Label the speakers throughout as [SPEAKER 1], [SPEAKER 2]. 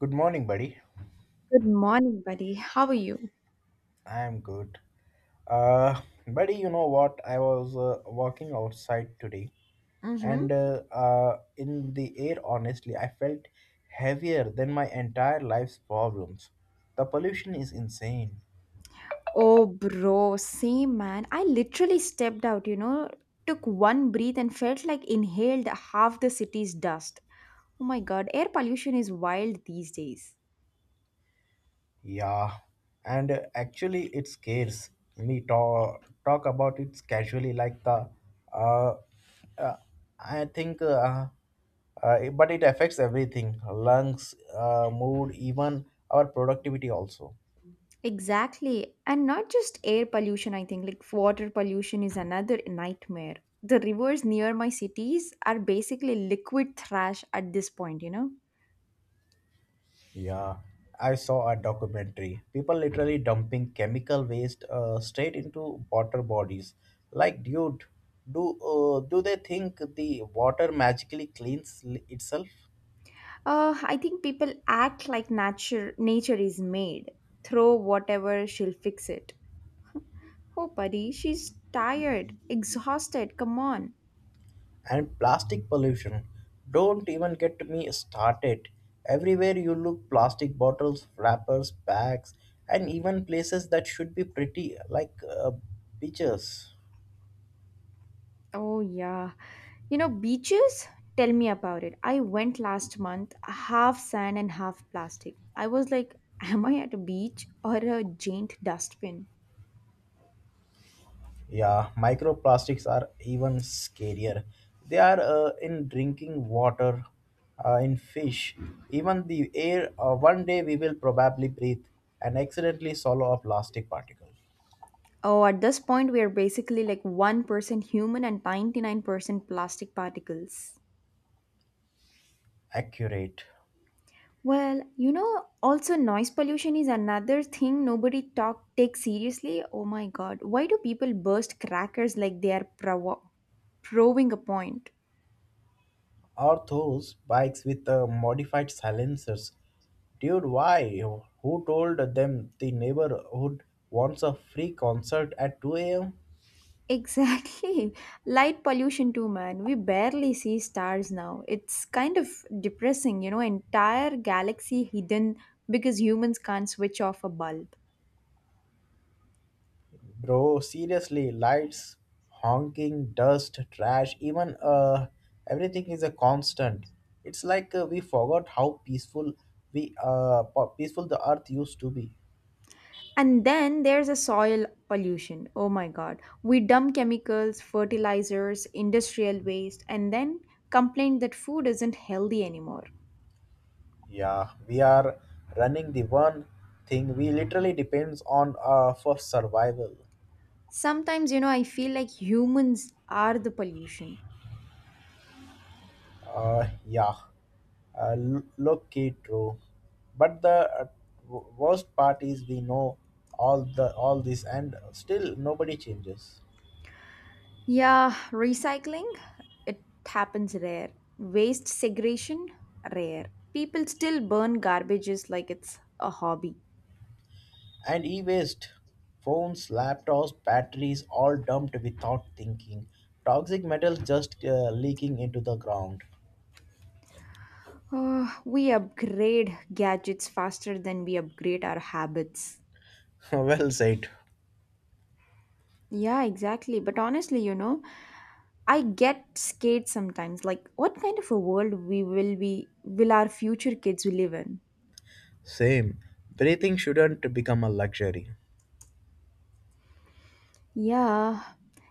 [SPEAKER 1] Good morning, buddy.
[SPEAKER 2] Good morning, buddy. How are you?
[SPEAKER 1] I am good. Uh, Buddy, you know what? I was walking outside today,
[SPEAKER 2] Mm-hmm.
[SPEAKER 1] and in the air, honestly, I felt heavier than my entire life's problems. The pollution is insane.
[SPEAKER 2] Oh, bro, same man. I literally stepped out, took one breath and felt like inhaled half the city's dust. Oh my god, air pollution is wild these days.
[SPEAKER 1] Yeah, and actually, it scares me. Talk about it casually, like the. Uh, uh, I think, uh, but it affects everything: lungs, mood, even our productivity also.
[SPEAKER 2] Exactly. And not just air pollution, I think, like water pollution is another nightmare. The rivers near my cities are basically liquid trash at this point, you know?
[SPEAKER 1] Yeah, I saw a documentary. People literally dumping chemical waste straight into water bodies. Like, dude, do they think the water magically cleans itself?
[SPEAKER 2] I think people act like nature is made. Throw whatever, she'll fix it. Oh, buddy, she's tired, exhausted. Come on.
[SPEAKER 1] And plastic pollution. Don't even get me started. Everywhere you look, plastic bottles, wrappers, bags, and even places that should be pretty, like beaches.
[SPEAKER 2] Oh, yeah. You know, beaches? Tell me about it. I went last month, half sand and half plastic. I was like, am I at a beach or a giant dustbin?
[SPEAKER 1] Yeah, microplastics are even scarier. They are in drinking water, in fish, even the air. One day we will probably breathe and accidentally swallow a plastic particle.
[SPEAKER 2] Oh, at this point, we are basically like 1% human and 99% plastic particles.
[SPEAKER 1] Accurate.
[SPEAKER 2] Well, you know, also noise pollution is another thing nobody talk takes seriously. Oh my god, why do people burst crackers like they are proving a point?
[SPEAKER 1] Or those bikes with modified silencers. Dude, why? Who told them the neighborhood wants a free concert at 2 a.m.?
[SPEAKER 2] Exactly. Light pollution too, man. We barely see stars now. It's kind of depressing, entire galaxy hidden because humans can't switch off a bulb.
[SPEAKER 1] Bro, seriously, lights, honking, dust, trash, even everything is a constant. It's like we forgot how peaceful peaceful the earth used to be.
[SPEAKER 2] And then there's a soil pollution. Oh my god. We dump chemicals, fertilizers, industrial waste, and then complain that food isn't healthy anymore.
[SPEAKER 1] Yeah, we are running the one thing we literally depends on for survival.
[SPEAKER 2] Sometimes, I feel like humans are the pollution.
[SPEAKER 1] Yeah, lucky true. But the worst part is we know all this, and still nobody changes.
[SPEAKER 2] Yeah, recycling, it happens rare. Waste segregation, rare. People still burn garbages like it's a hobby.
[SPEAKER 1] And e-waste, phones, laptops, batteries, all dumped without thinking. Toxic metals just leaking into the ground.
[SPEAKER 2] Oh, we upgrade gadgets faster than we upgrade our habits.
[SPEAKER 1] Well said.
[SPEAKER 2] Yeah, exactly. But honestly, I get scared sometimes. Like, what kind of a world we will be, will our future kids live in?
[SPEAKER 1] Same. Breathing shouldn't become a luxury.
[SPEAKER 2] Yeah.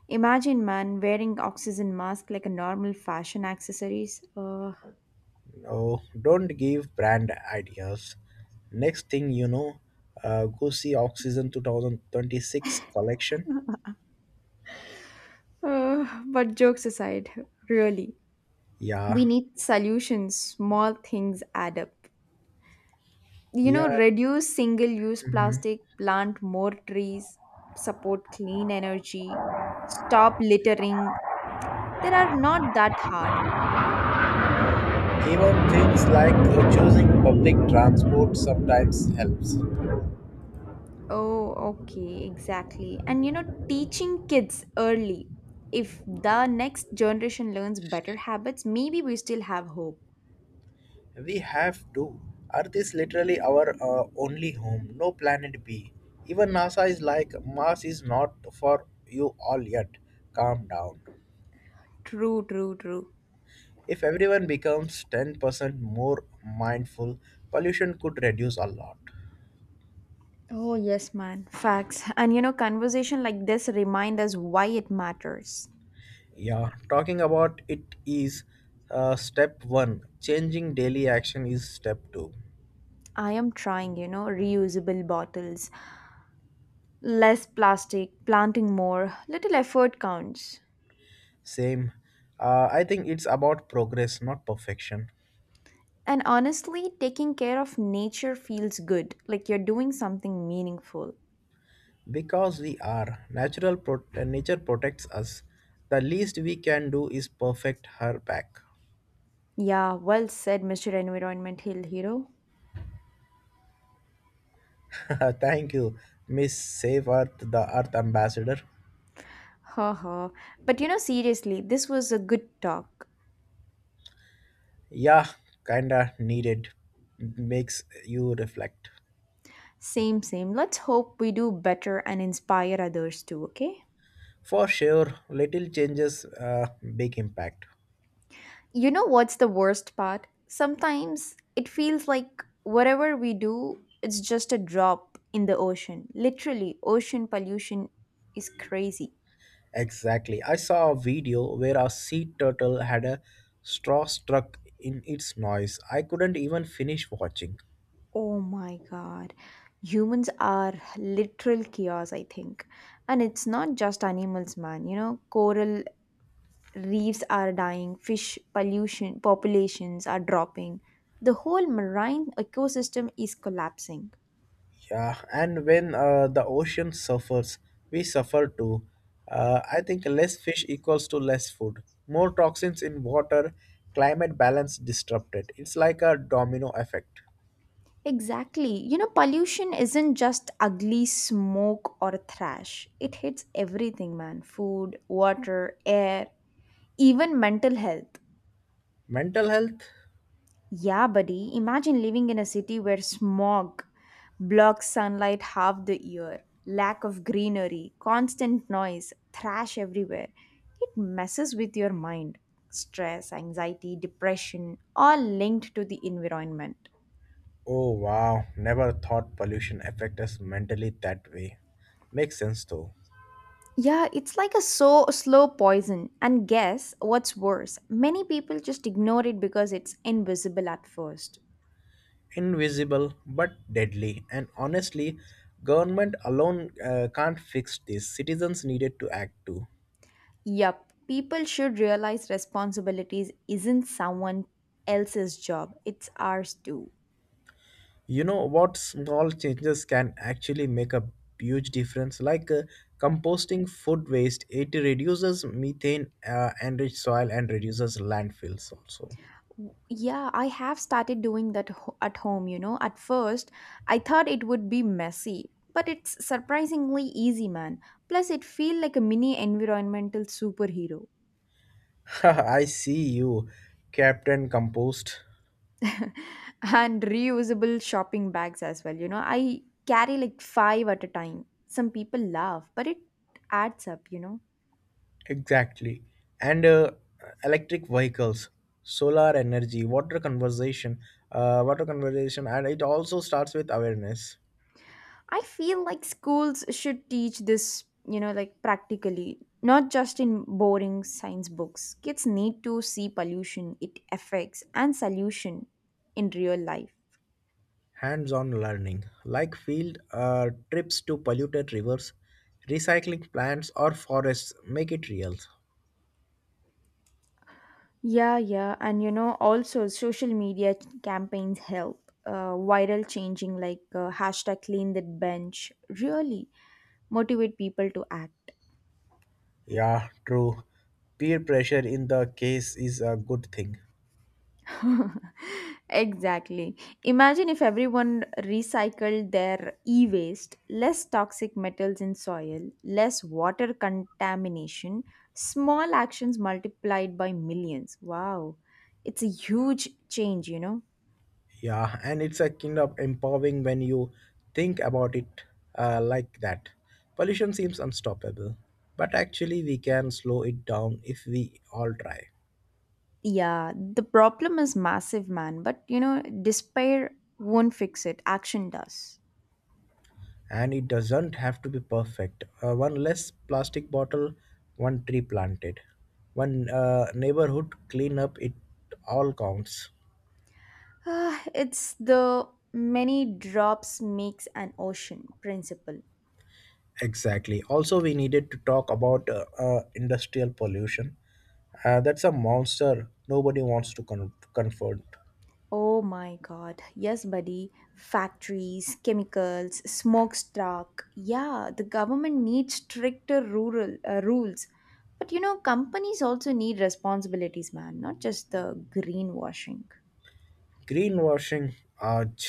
[SPEAKER 2] Imagine, man, wearing oxygen mask like a normal fashion accessories. Uh,
[SPEAKER 1] Oh, don't give brand ideas. Next thing you know, go see Oxygen 2026 collection.
[SPEAKER 2] uh, but jokes aside, really, we
[SPEAKER 1] Yeah,
[SPEAKER 2] need solutions. Small things add up. You know,
[SPEAKER 1] yeah.
[SPEAKER 2] reduce single-use
[SPEAKER 1] Mhm.
[SPEAKER 2] plastic, plant more trees, support clean energy, stop littering, they are not that hard.
[SPEAKER 1] Even things like choosing public transport sometimes helps.
[SPEAKER 2] Oh, okay, exactly. And teaching kids early, if the next generation learns better habits, maybe we still have hope.
[SPEAKER 1] We have to. Earth is literally our only home, no planet B. Even NASA is like, Mars is not for you all yet. Calm down.
[SPEAKER 2] True, true, true.
[SPEAKER 1] If everyone becomes 10% more mindful, pollution could reduce a lot.
[SPEAKER 2] Oh, yes, man. Facts. And conversation like this remind us why it matters.
[SPEAKER 1] Yeah, talking about it is step one. Changing daily action is step two.
[SPEAKER 2] I am trying, reusable bottles, less plastic, planting more, little effort counts.
[SPEAKER 1] Same. I think it's about progress, not perfection.
[SPEAKER 2] And honestly, taking care of nature feels good, like you're doing something meaningful.
[SPEAKER 1] Because we are natural, nature protects us. The least we can do is perfect her back.
[SPEAKER 2] Yeah, well said, Mr. Environment Hill Hero.
[SPEAKER 1] Thank you, Miss Save Earth, the Earth Ambassador.
[SPEAKER 2] Ha ha. But seriously, this was a good talk.
[SPEAKER 1] Yeah, kinda needed. Makes you reflect.
[SPEAKER 2] Same, same. Let's hope we do better and inspire others too, okay?
[SPEAKER 1] For sure, little changes, big impact.
[SPEAKER 2] You know what's the worst part? Sometimes it feels like whatever we do, it's just a drop in the ocean. Literally, ocean pollution is crazy.
[SPEAKER 1] Exactly. I saw a video where a sea turtle had a straw stuck in its noise. I couldn't even finish watching.
[SPEAKER 2] Oh my god. Humans are literal chaos, I think. And it's not just animals, man. You know, coral reefs are dying, fish pollution populations are dropping. The whole marine ecosystem is collapsing.
[SPEAKER 1] Yeah, and when the ocean suffers, we suffer too. I think less fish equals to less food. More toxins in water, climate balance disrupted. It's like a domino effect.
[SPEAKER 2] Exactly. You know, pollution isn't just ugly smoke or trash. It hits everything, man. Food, water, air, even mental health.
[SPEAKER 1] Mental health?
[SPEAKER 2] Yeah, buddy, imagine living in a city where smog blocks sunlight half the year, lack of greenery, constant noise, trash everywhere. It messes with your mind. Stress, anxiety, depression, all linked to the environment.
[SPEAKER 1] Oh wow, never thought pollution affect us mentally that way. Makes sense though.
[SPEAKER 2] Yeah, it's like a so slow poison. And guess what's worse? Many people just ignore it because it's invisible at first.
[SPEAKER 1] Invisible but deadly and honestly, government alone can't fix this. Citizens needed to act too.
[SPEAKER 2] Yup, people should realize responsibilities isn't someone else's job, it's ours too.
[SPEAKER 1] You know what small changes can actually make a huge difference like composting food waste. It reduces methane enriched soil and reduces landfills also.
[SPEAKER 2] Yeah, I have started doing that at home, you know. At first, I thought it would be messy, but it's surprisingly easy, man. Plus, it feel like a mini environmental superhero.
[SPEAKER 1] I see you, Captain Compost.
[SPEAKER 2] And reusable shopping bags as well, you know. I carry like 5 at a time. Some people laugh, but it adds up, you know.
[SPEAKER 1] Exactly. And electric vehicles, solar energy, water conservation, and it also starts with awareness,
[SPEAKER 2] I feel like schools should teach this, you know, like practically, not just in boring science books. Kids need to see pollution, it affects, and solution in real life.
[SPEAKER 1] hands-on learning, like field trips to polluted rivers, recycling plants or forests. Make it real.
[SPEAKER 2] Yeah, yeah, and you know, also social media campaigns help. Viral changing like hashtag clean that bench really motivate people to act.
[SPEAKER 1] Yeah, true. Peer pressure in the case is a good thing.
[SPEAKER 2] Exactly. Imagine if everyone recycled their e waste, less toxic metals in soil, less water contamination, small actions multiplied by millions. Wow. It's a huge change, you know?
[SPEAKER 1] Yeah, and it's a kind of empowering when you think about it like that. Pollution seems unstoppable, but actually, we can slow it down if we all try.
[SPEAKER 2] Yeah, the problem is massive, man. But, you know, despair won't fix it, action does.
[SPEAKER 1] And it doesn't have to be perfect. One less plastic bottle, one tree planted, one neighborhood cleanup, it all counts.
[SPEAKER 2] Ah, it's the many drops makes an ocean principle.
[SPEAKER 1] Exactly. Also, we needed to talk about industrial pollution. That's a monster nobody wants to confront.
[SPEAKER 2] Oh my god. Yes, buddy. Factories, chemicals, smokestack. Yeah, the government needs stricter rural rules. But you know, companies also need responsibilities, man, not just the greenwashing.
[SPEAKER 1] Greenwashing ouch,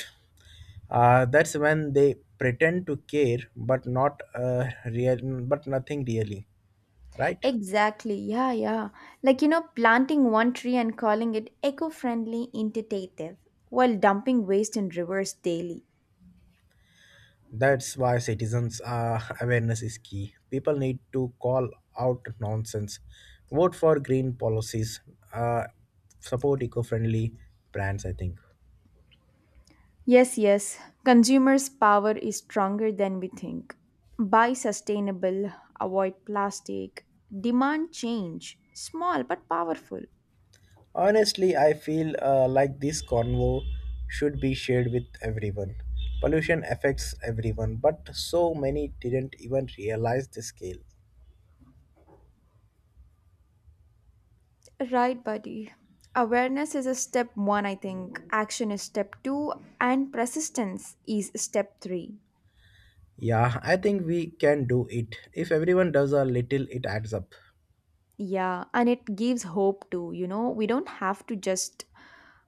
[SPEAKER 1] that's when they pretend to care but not real, but nothing really right.
[SPEAKER 2] Exactly. Yeah, yeah. Like, planting one tree and calling it eco-friendly, intuitive, while dumping waste in rivers daily.
[SPEAKER 1] That's why citizens awareness is key. People need to call out nonsense, vote for green policies, uh, support eco-friendly brands, I think.
[SPEAKER 2] Yes, yes. Consumers' power is stronger than we think. Buy sustainable, avoid plastic, demand change. Small but powerful.
[SPEAKER 1] Honestly, I feel like this convo should be shared with everyone. Pollution affects everyone, but so many didn't even realize the scale.
[SPEAKER 2] Right, buddy. Awareness is a step one, I think. Action is step two, and persistence is step three.
[SPEAKER 1] Yeah, I think we can do it. If everyone does a little, it adds up.
[SPEAKER 2] Yeah, and it gives hope too. You know, we don't have to just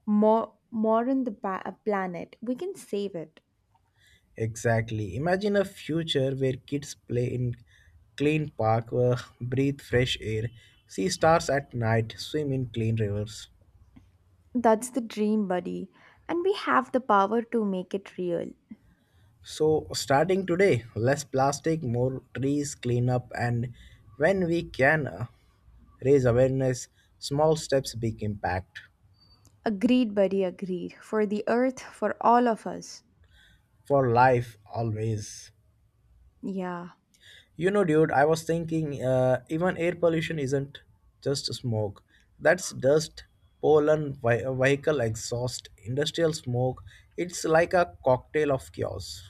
[SPEAKER 2] more mourn the planet. We can save it.
[SPEAKER 1] Exactly. Imagine a future where kids play in clean park, breathe fresh air, see stars at night, swim in clean rivers.
[SPEAKER 2] That's the dream, buddy, and we have the power to make it real.
[SPEAKER 1] So, starting today, less plastic, more trees, cleanup, and when we can raise awareness, small steps, big impact
[SPEAKER 2] Agreed, buddy, agreed. For the earth, for all of us.
[SPEAKER 1] for life always.
[SPEAKER 2] Yeah,
[SPEAKER 1] You know, dude, I was thinking even air pollution isn't just smoke, that's dust, pollen, vehicle exhaust, industrial smoke. It's like a cocktail of chaos.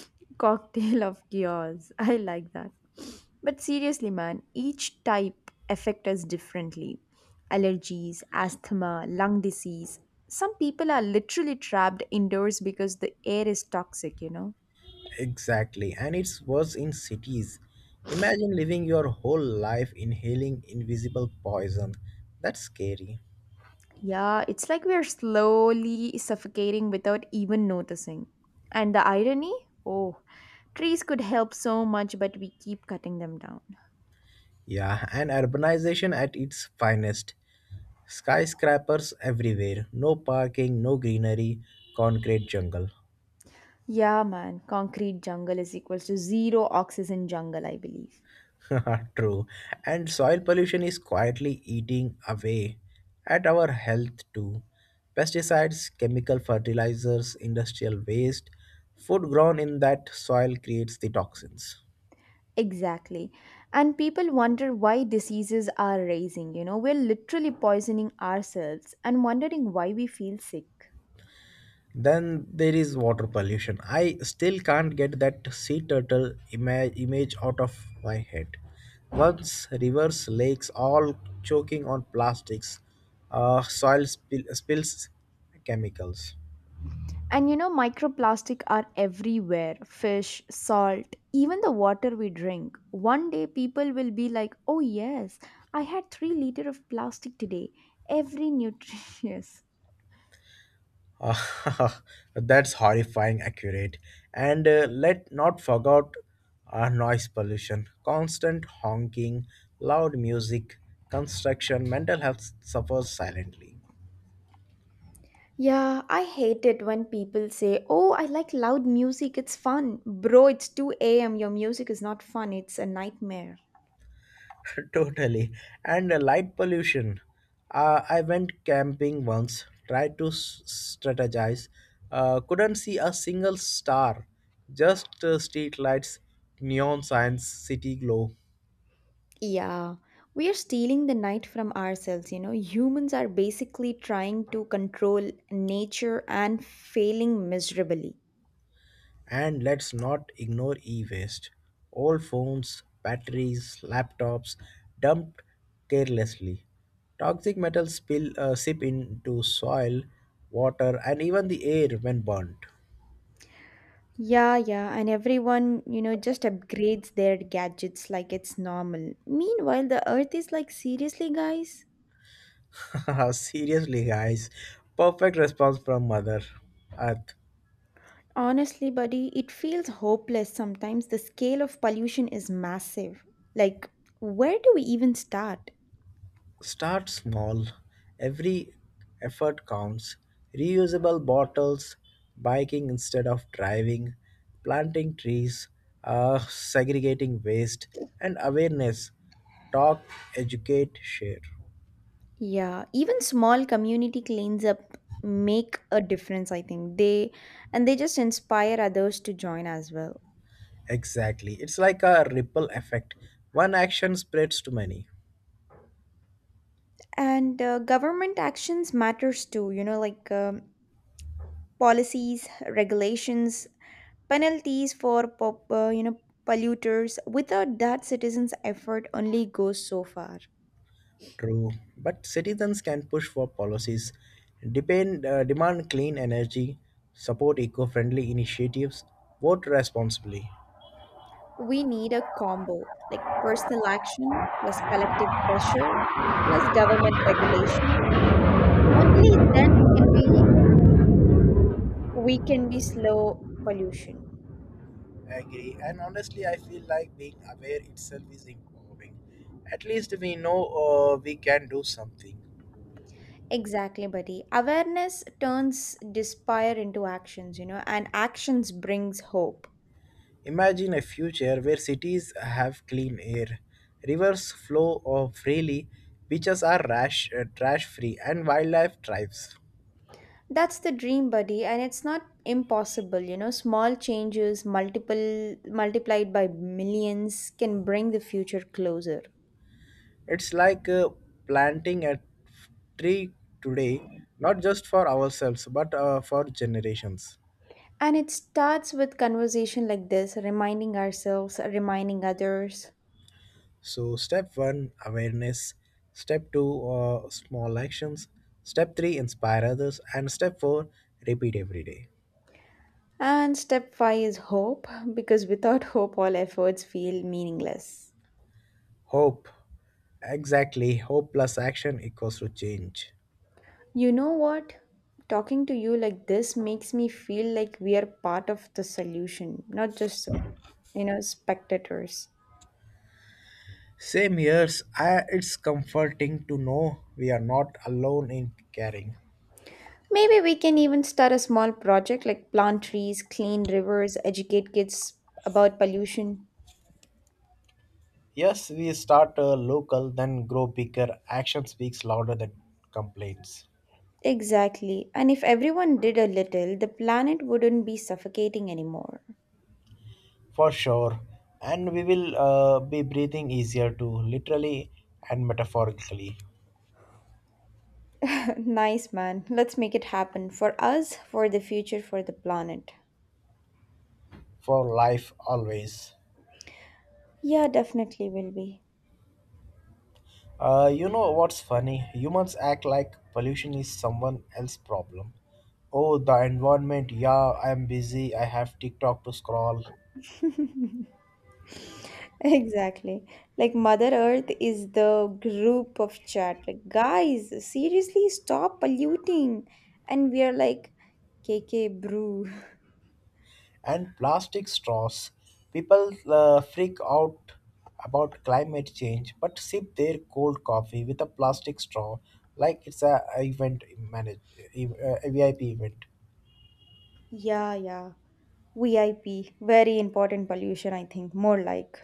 [SPEAKER 2] cocktail of cures. I like that. But seriously, man, each type affect us differently. Allergies, asthma, lung disease. Some people are literally trapped indoors because the air is toxic, you know?
[SPEAKER 1] Exactly, and it's worse in cities. Imagine living your whole life inhaling invisible poison. That's scary.
[SPEAKER 2] Yeah, it's like we're slowly suffocating without even noticing. And the irony? Oh, trees could help so much, but we keep cutting them down.
[SPEAKER 1] Yeah, and urbanization at its finest. Skyscrapers everywhere, no parking, no greenery, concrete jungle.
[SPEAKER 2] Yeah, man. Concrete jungle is equals to zero oxygen jungle, I believe.
[SPEAKER 1] True. And soil pollution is quietly eating away at our health too. Pesticides, chemical fertilizers, industrial waste, food grown in that soil creates the toxins.
[SPEAKER 2] Exactly. And people wonder why diseases are rising. You know, we're literally poisoning ourselves and wondering why we feel sick.
[SPEAKER 1] Then there is water pollution. I still can't get that sea turtle image out of my head. Once rivers, lakes, all choking on plastics, soil spills chemicals.
[SPEAKER 2] And microplastic are everywhere fish, salt, even the water we drink. One day, people will be like, oh, yes, I had 3 liter of plastic today. Every nutrient.
[SPEAKER 1] Ah, that's horrifying accurate. And let not forget noise pollution, constant honking, loud music, construction, mental health suffers silently.
[SPEAKER 2] Yeah, I hate it when people say, oh, I like loud music, it's fun. Bro, it's 2 a.m., your music is not fun, it's a nightmare.
[SPEAKER 1] Totally. And light pollution. I went camping once, tried to strategize, couldn't see a single star, just street lights, neon signs, city glow.
[SPEAKER 2] Yeah, we are stealing the night from ourselves, you know. Humans are basically trying to control nature and failing miserably.
[SPEAKER 1] And let's not ignore e waste. All phones, batteries, laptops dumped carelessly. Toxic metals spill, seep into soil, water, and even the air when burnt.
[SPEAKER 2] Yeah, yeah, and everyone, just upgrades their gadgets like it's normal. Meanwhile, the earth is like, seriously, guys?
[SPEAKER 1] Seriously, guys, perfect response from Mother Earth.
[SPEAKER 2] Honestly, buddy, it feels hopeless sometimes. The scale of pollution is massive. Like, where do we even start?
[SPEAKER 1] Start small. Every effort counts. Reusable bottles, biking instead of driving, planting trees, segregating waste, and awareness. Talk, educate, share.
[SPEAKER 2] Yeah, even small community cleans up make a difference, I think. They And they just inspire others to join as well.
[SPEAKER 1] Exactly. It's like a ripple effect. One action spreads to many.
[SPEAKER 2] And government actions matters too, like policies, regulations, penalties for polluters. Without that, citizens' effort only goes so far.
[SPEAKER 1] True, but citizens can push for policies, demand clean energy, support eco-friendly initiatives, vote responsibly.
[SPEAKER 2] We need a combo like personal action plus collective pressure plus government regulation. Only then can we can be slow pollution.
[SPEAKER 1] I agree, and honestly, I feel like being aware itself is empowering. At least we know we can do something.
[SPEAKER 2] Exactly, buddy. Awareness turns despair into actions, and actions brings hope.
[SPEAKER 1] Imagine a future where cities have clean air, rivers flow freely, beaches are trash-free, and wildlife thrives.
[SPEAKER 2] That's the dream, buddy, and it's not impossible. Small changes multiple multiplied by millions can bring the future closer.
[SPEAKER 1] It's like planting a tree today, not just for ourselves, but for generations.
[SPEAKER 2] And it starts with conversation like this, reminding ourselves, reminding others.
[SPEAKER 1] So, step one awareness, step two small actions, step three inspire others, and step four repeat every day.
[SPEAKER 2] And step five is hope, because without hope, all efforts feel meaningless.
[SPEAKER 1] Hope. Exactly. Hope plus action equals to change.
[SPEAKER 2] You know what? Talking to you like this makes me feel like we are part of the solution, not just, spectators.
[SPEAKER 1] Same years, I, it's comforting to know we are not alone in caring.
[SPEAKER 2] Maybe we can even start a small project like plant trees, clean rivers, educate kids about pollution.
[SPEAKER 1] Yes, we start local, then grow bigger. Action speaks louder than complaints.
[SPEAKER 2] Exactly. And if everyone did a little, the planet wouldn't be suffocating anymore.
[SPEAKER 1] For sure. And we will be breathing easier too, literally and metaphorically.
[SPEAKER 2] Nice, man. Let's make it happen for us, for the future, for the planet.
[SPEAKER 1] For life, always.
[SPEAKER 2] Yeah, definitely will be.
[SPEAKER 1] You know what's funny? Humans act like pollution is someone else's problem. Oh, the environment. Yeah, I'm busy. I have TikTok to scroll.
[SPEAKER 2] Exactly. Like Mother Earth is the group of chat. Like, guys, seriously, stop polluting. And we are like, KK, brew.
[SPEAKER 1] And plastic straws. People freak out about climate change but sip their cold coffee with a plastic straw like it's a a VIP event.
[SPEAKER 2] Yeah, yeah. VIP. Very important pollution, I think. More like.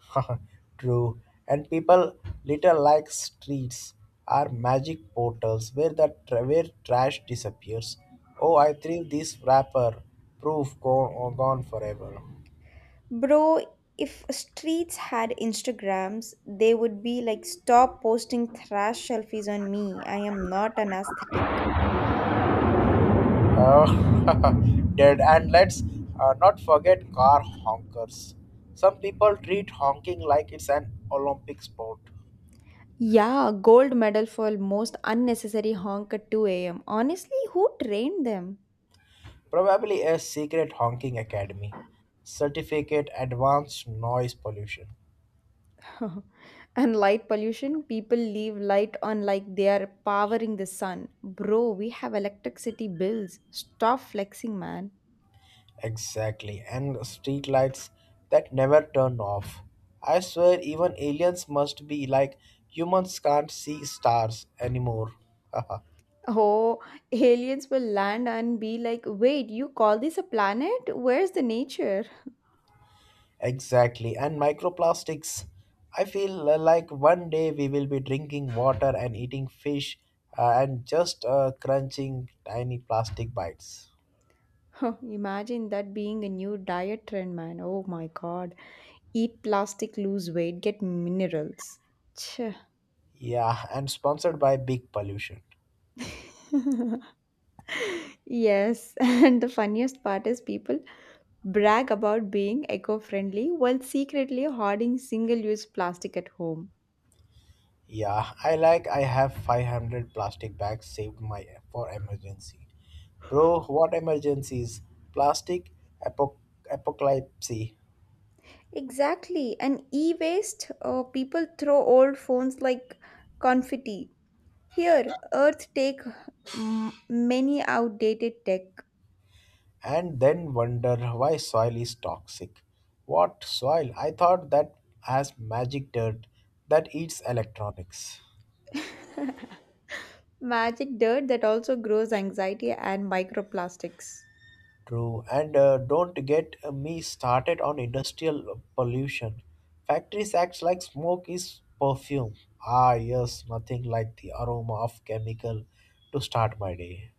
[SPEAKER 1] True. And people little like streets are magic portals where where trash disappears. Oh, I think this wrapper gone forever.
[SPEAKER 2] Bro, if streets had Instagrams, they would be like, stop posting trash selfies on me. I am not an aesthetic.
[SPEAKER 1] Uh, dead. And let's not forget car honkers. Some people treat honking like it's an Olympic sport,
[SPEAKER 2] Yeah, gold medal for most unnecessary honk at 2 a.m. Honestly, who trained them?
[SPEAKER 1] probably a secret honking academy. Certificate advanced noise pollution.
[SPEAKER 2] And light pollution, people leave light on like they are powering the sun. Bro, we have electricity bills. Stop flexing, man.
[SPEAKER 1] Exactly. And street lights that never turn off. I swear, even aliens must be like humans can't see stars anymore.
[SPEAKER 2] Oh, aliens will land and be like, wait, you call this a planet? Where's the nature?
[SPEAKER 1] Exactly. And microplastics. I feel like one day we will be drinking water and eating fish and just crunching tiny plastic bites.
[SPEAKER 2] Imagine that being a new diet trend, man. Oh my god. Eat plastic, lose weight, get minerals. Ch.
[SPEAKER 1] Yeah, and sponsored by Big Pollution.
[SPEAKER 2] Yes. And the funniest part is people brag about being eco friendly while secretly hoarding single use plastic at home.
[SPEAKER 1] Yeah, I have 500 plastic bags saved my for emergency. Bro, what emergencies? Plastic apoc- apocalypse.
[SPEAKER 2] Exactly, and e waste, people throw old phones like confetti. Here, Earth take many outdated tech.
[SPEAKER 1] And then wonder why soil is toxic. What soil? I thought that has magic dirt that eats electronics.
[SPEAKER 2] Magic dirt that also grows anxiety and microplastics.
[SPEAKER 1] True, and don't get me started on industrial pollution. Factories act like smoke is perfume. Ah, yes, nothing like the aroma of chemical to start my day.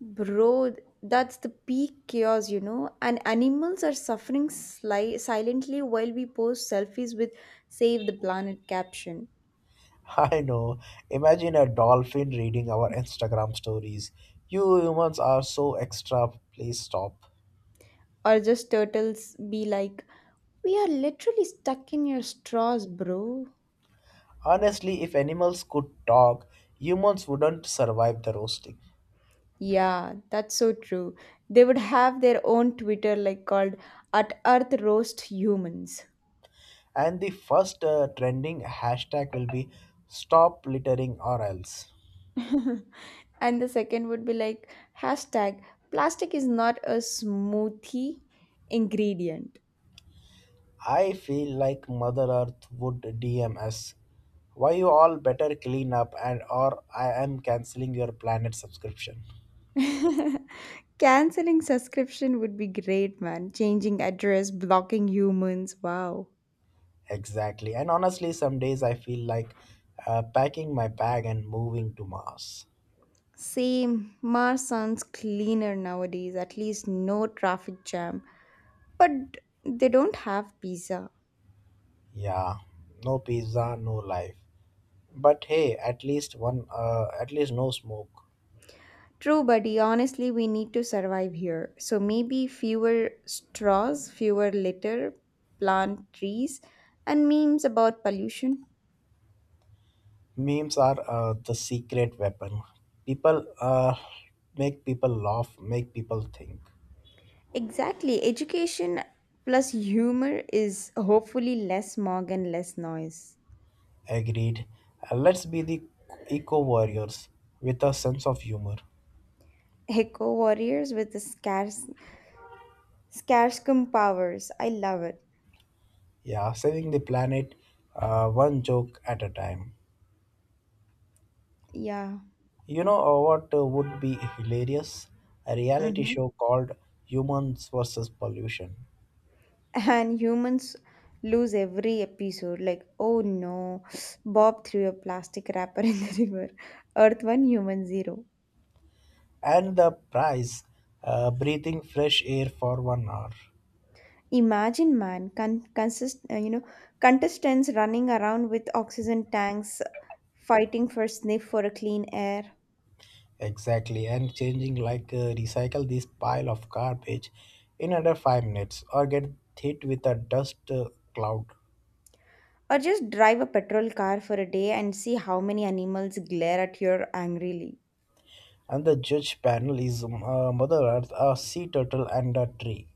[SPEAKER 2] Bro, that's the peak chaos, you know. And animals are suffering silently while we post selfies with Save the Planet caption.
[SPEAKER 1] I know. Imagine a dolphin reading our Instagram stories. You humans are so extra. Please stop.
[SPEAKER 2] Or just turtles be like, we are literally stuck in your straws, bro.
[SPEAKER 1] Honestly, if animals could talk, humans wouldn't survive the roasting.
[SPEAKER 2] Yeah, that's so true. They would have their own Twitter like called at Earth Roast Humans.
[SPEAKER 1] And the first trending hashtag will be stop littering or else.
[SPEAKER 2] And the second would be like hashtag plastic is not a smoothie ingredient.
[SPEAKER 1] I feel like Mother Earth would DM us. Why you all better clean up and or I am cancelling your planet subscription.
[SPEAKER 2] Canceling subscription would be great, man. Changing address, blocking humans, wow.
[SPEAKER 1] Exactly. And honestly, some days I feel like packing my bag and moving to Mars.
[SPEAKER 2] Same. Mars sounds cleaner nowadays, at least no traffic jam, but they don't have pizza.
[SPEAKER 1] Yeah, no pizza, no life. But hey, at least one, at least no smoke.
[SPEAKER 2] True, buddy. Honestly, we need to survive here. So maybe fewer straws, fewer litter, plant trees, and memes about pollution.
[SPEAKER 1] Memes are the secret weapon. People make people laugh, make people think.
[SPEAKER 2] Exactly. Education plus humor is hopefully less smog and less noise.
[SPEAKER 1] Agreed. Let's be the eco warriors with a sense of humor.
[SPEAKER 2] Eco warriors with the scarcecum powers. I love it.
[SPEAKER 1] Yeah, saving the planet one joke at a time.
[SPEAKER 2] Yeah.
[SPEAKER 1] You know what would be hilarious? A reality
[SPEAKER 2] Hmm.
[SPEAKER 1] show called Humans versus Pollution.
[SPEAKER 2] And humans lose every episode like, oh no, Bob threw a plastic wrapper in the river. Earth 1, human 0.
[SPEAKER 1] And the prize breathing fresh air for 1 hour.
[SPEAKER 2] Imagine man con- consist you know contestants running around with oxygen tanks fighting for sniff for a clean air.
[SPEAKER 1] Exactly, and changing like recycle this pile of garbage in under 5 minutes or get hit with a dust cloud.
[SPEAKER 2] Or just drive a petrol car for a day and see how many animals glare at you angrily.
[SPEAKER 1] And the judge panel is Mother Earth, a sea turtle, and a tree.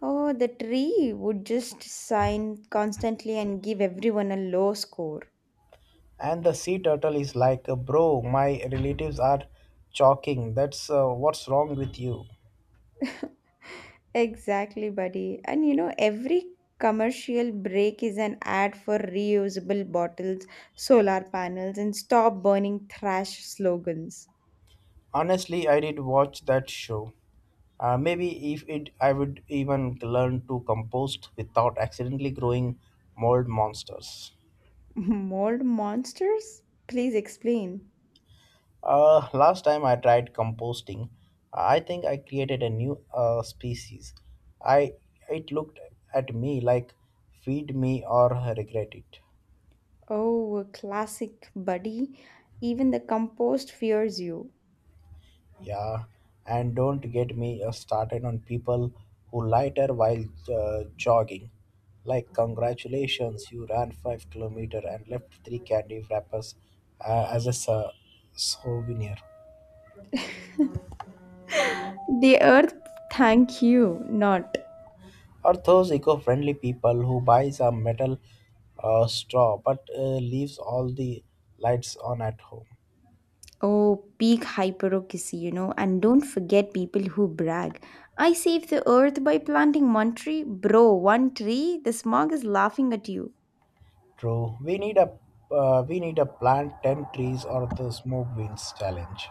[SPEAKER 2] Oh, the tree would just sign constantly and give everyone a low score.
[SPEAKER 1] And the sea turtle is like, Bro, my relatives are choking. That's what's wrong with you.
[SPEAKER 2] Exactly, buddy. And you know, every commercial break is an ad for reusable bottles, solar panels, and stop burning trash slogans.
[SPEAKER 1] Honestly, I did watch that show. Maybe if it, I would even learn to compost without accidentally growing mold monsters.
[SPEAKER 2] Mold monsters? Please explain.
[SPEAKER 1] Last time I tried composting, I think I created a new species. I It looked at me like feed me or regret it.
[SPEAKER 2] Oh, a classic, buddy. Even the compost fears you.
[SPEAKER 1] Yeah, and don't get me started on people who lighter while jogging. Like congratulations, you ran 5 kilometer and left three candy wrappers as a souvenir.
[SPEAKER 2] The earth, thank you, not.
[SPEAKER 1] Are those eco-friendly people who buys a metal straw but leaves all the lights on at home.
[SPEAKER 2] Oh, peak hyperocracy, and don't forget people who brag. I saved the earth by planting one tree. Bro, one tree? The smog is laughing at you.
[SPEAKER 1] True, we need a plant ten trees or the smoke winds challenge.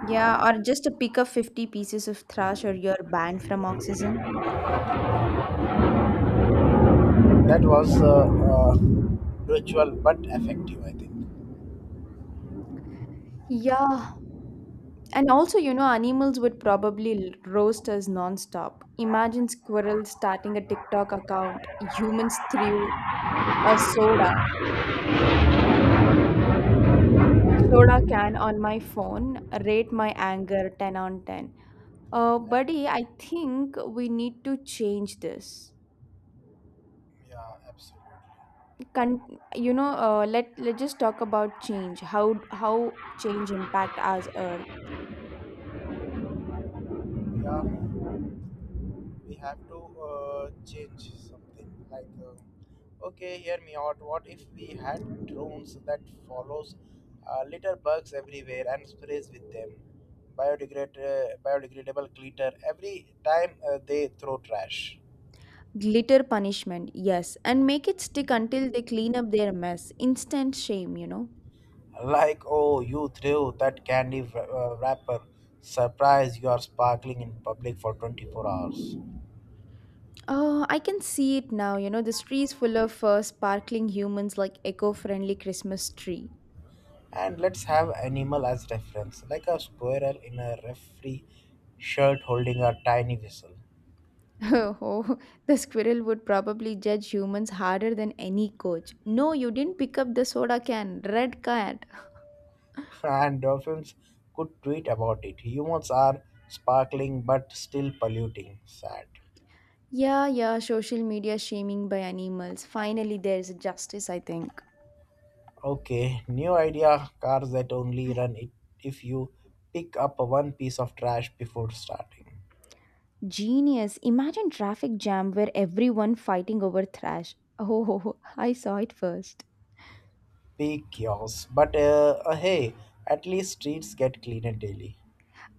[SPEAKER 2] Yeah, or just to pick up 50 pieces of trash or you're banned from oxygen.
[SPEAKER 1] That was virtual but effective, I think.
[SPEAKER 2] Yeah. And also, you know, animals would probably roast us nonstop. Imagine squirrels starting a TikTok account. Humans threw a soda can on my phone. Rate my anger 10 on 10. Uh,
[SPEAKER 1] And
[SPEAKER 2] buddy, I think we need to change this.
[SPEAKER 1] yeah, absolutely.
[SPEAKER 2] Let's just talk about change. How change impact us Earth.
[SPEAKER 1] Yeah, we have to change something like okay, hear me out. What if we had drones that follows litter bugs everywhere and sprays with them biodegradable glitter every time they throw trash,
[SPEAKER 2] Glitter punishment, yes, and make it stick until they clean up their mess. Instant shame, you know.
[SPEAKER 1] like oh, you threw that candy wrapper, surprise, you are sparkling in public for 24 hours.
[SPEAKER 2] Oh, I can see it now. You know, this tree is full of sparkling humans like eco-friendly Christmas tree.
[SPEAKER 1] And let's have animal as reference, like a squirrel in a referee shirt holding a tiny whistle.
[SPEAKER 2] Oh, the squirrel would probably judge humans harder than any coach. No, you didn't pick up the soda can. Red card.
[SPEAKER 1] And dolphins could tweet about it. Humans are sparkling but still polluting. Sad.
[SPEAKER 2] Yeah, yeah, social media shaming by animals. Finally, there's justice, I think.
[SPEAKER 1] Okay, new idea cars that only run it if you pick up one piece of trash before starting.
[SPEAKER 2] Genius. Imagine traffic jam where everyone fighting over trash. Oh, I saw it first.
[SPEAKER 1] Pick yours. But hey, at least streets get cleaner daily.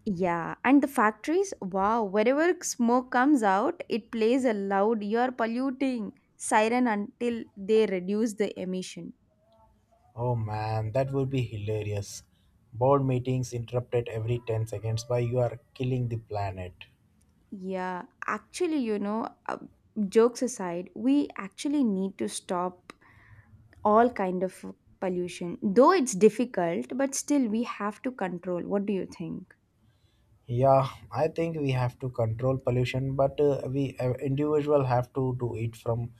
[SPEAKER 2] Yeah, and the factories, wow, wherever smoke comes out, it plays a loud you're polluting siren until they reduce the emission.
[SPEAKER 1] Oh man, that would be hilarious. Board meetings interrupted every 10 seconds by you are killing the planet.
[SPEAKER 2] Yeah, actually, jokes aside, we actually need to stop all kind of pollution, though it's difficult, but still we have to control. What do you think?
[SPEAKER 1] Yeah, I think we have to control pollution, but we individual have to do it from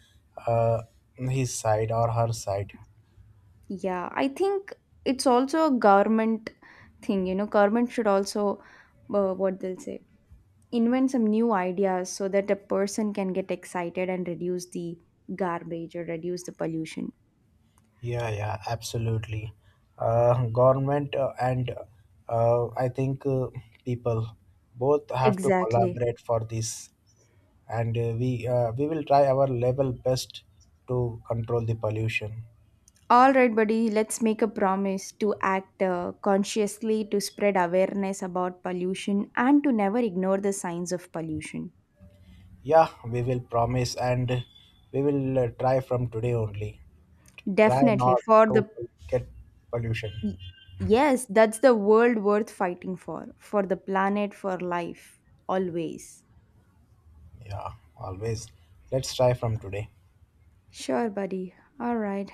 [SPEAKER 1] uh, his side or her side.
[SPEAKER 2] Yeah, I think it's also a government thing. Government should also, what they'll say, invent some new ideas so that a person can get excited and reduce the garbage or reduce the pollution.
[SPEAKER 1] Yeah, yeah, absolutely. Government and I think, people both have to
[SPEAKER 2] Exactly.
[SPEAKER 1] collaborate for this. And we will try our level best to control the pollution.
[SPEAKER 2] All right, buddy, let's make a promise to act consciously, to spread awareness about pollution, and to never ignore the signs of pollution.
[SPEAKER 1] Yeah, we will promise and we will try from today only. Try
[SPEAKER 2] Definitely.
[SPEAKER 1] not
[SPEAKER 2] For
[SPEAKER 1] to
[SPEAKER 2] the,
[SPEAKER 1] get pollution.
[SPEAKER 2] yes, that's the world worth fighting for. For the planet, for life, always.
[SPEAKER 1] Yeah, always. Let's try from today.
[SPEAKER 2] Sure, buddy. All right.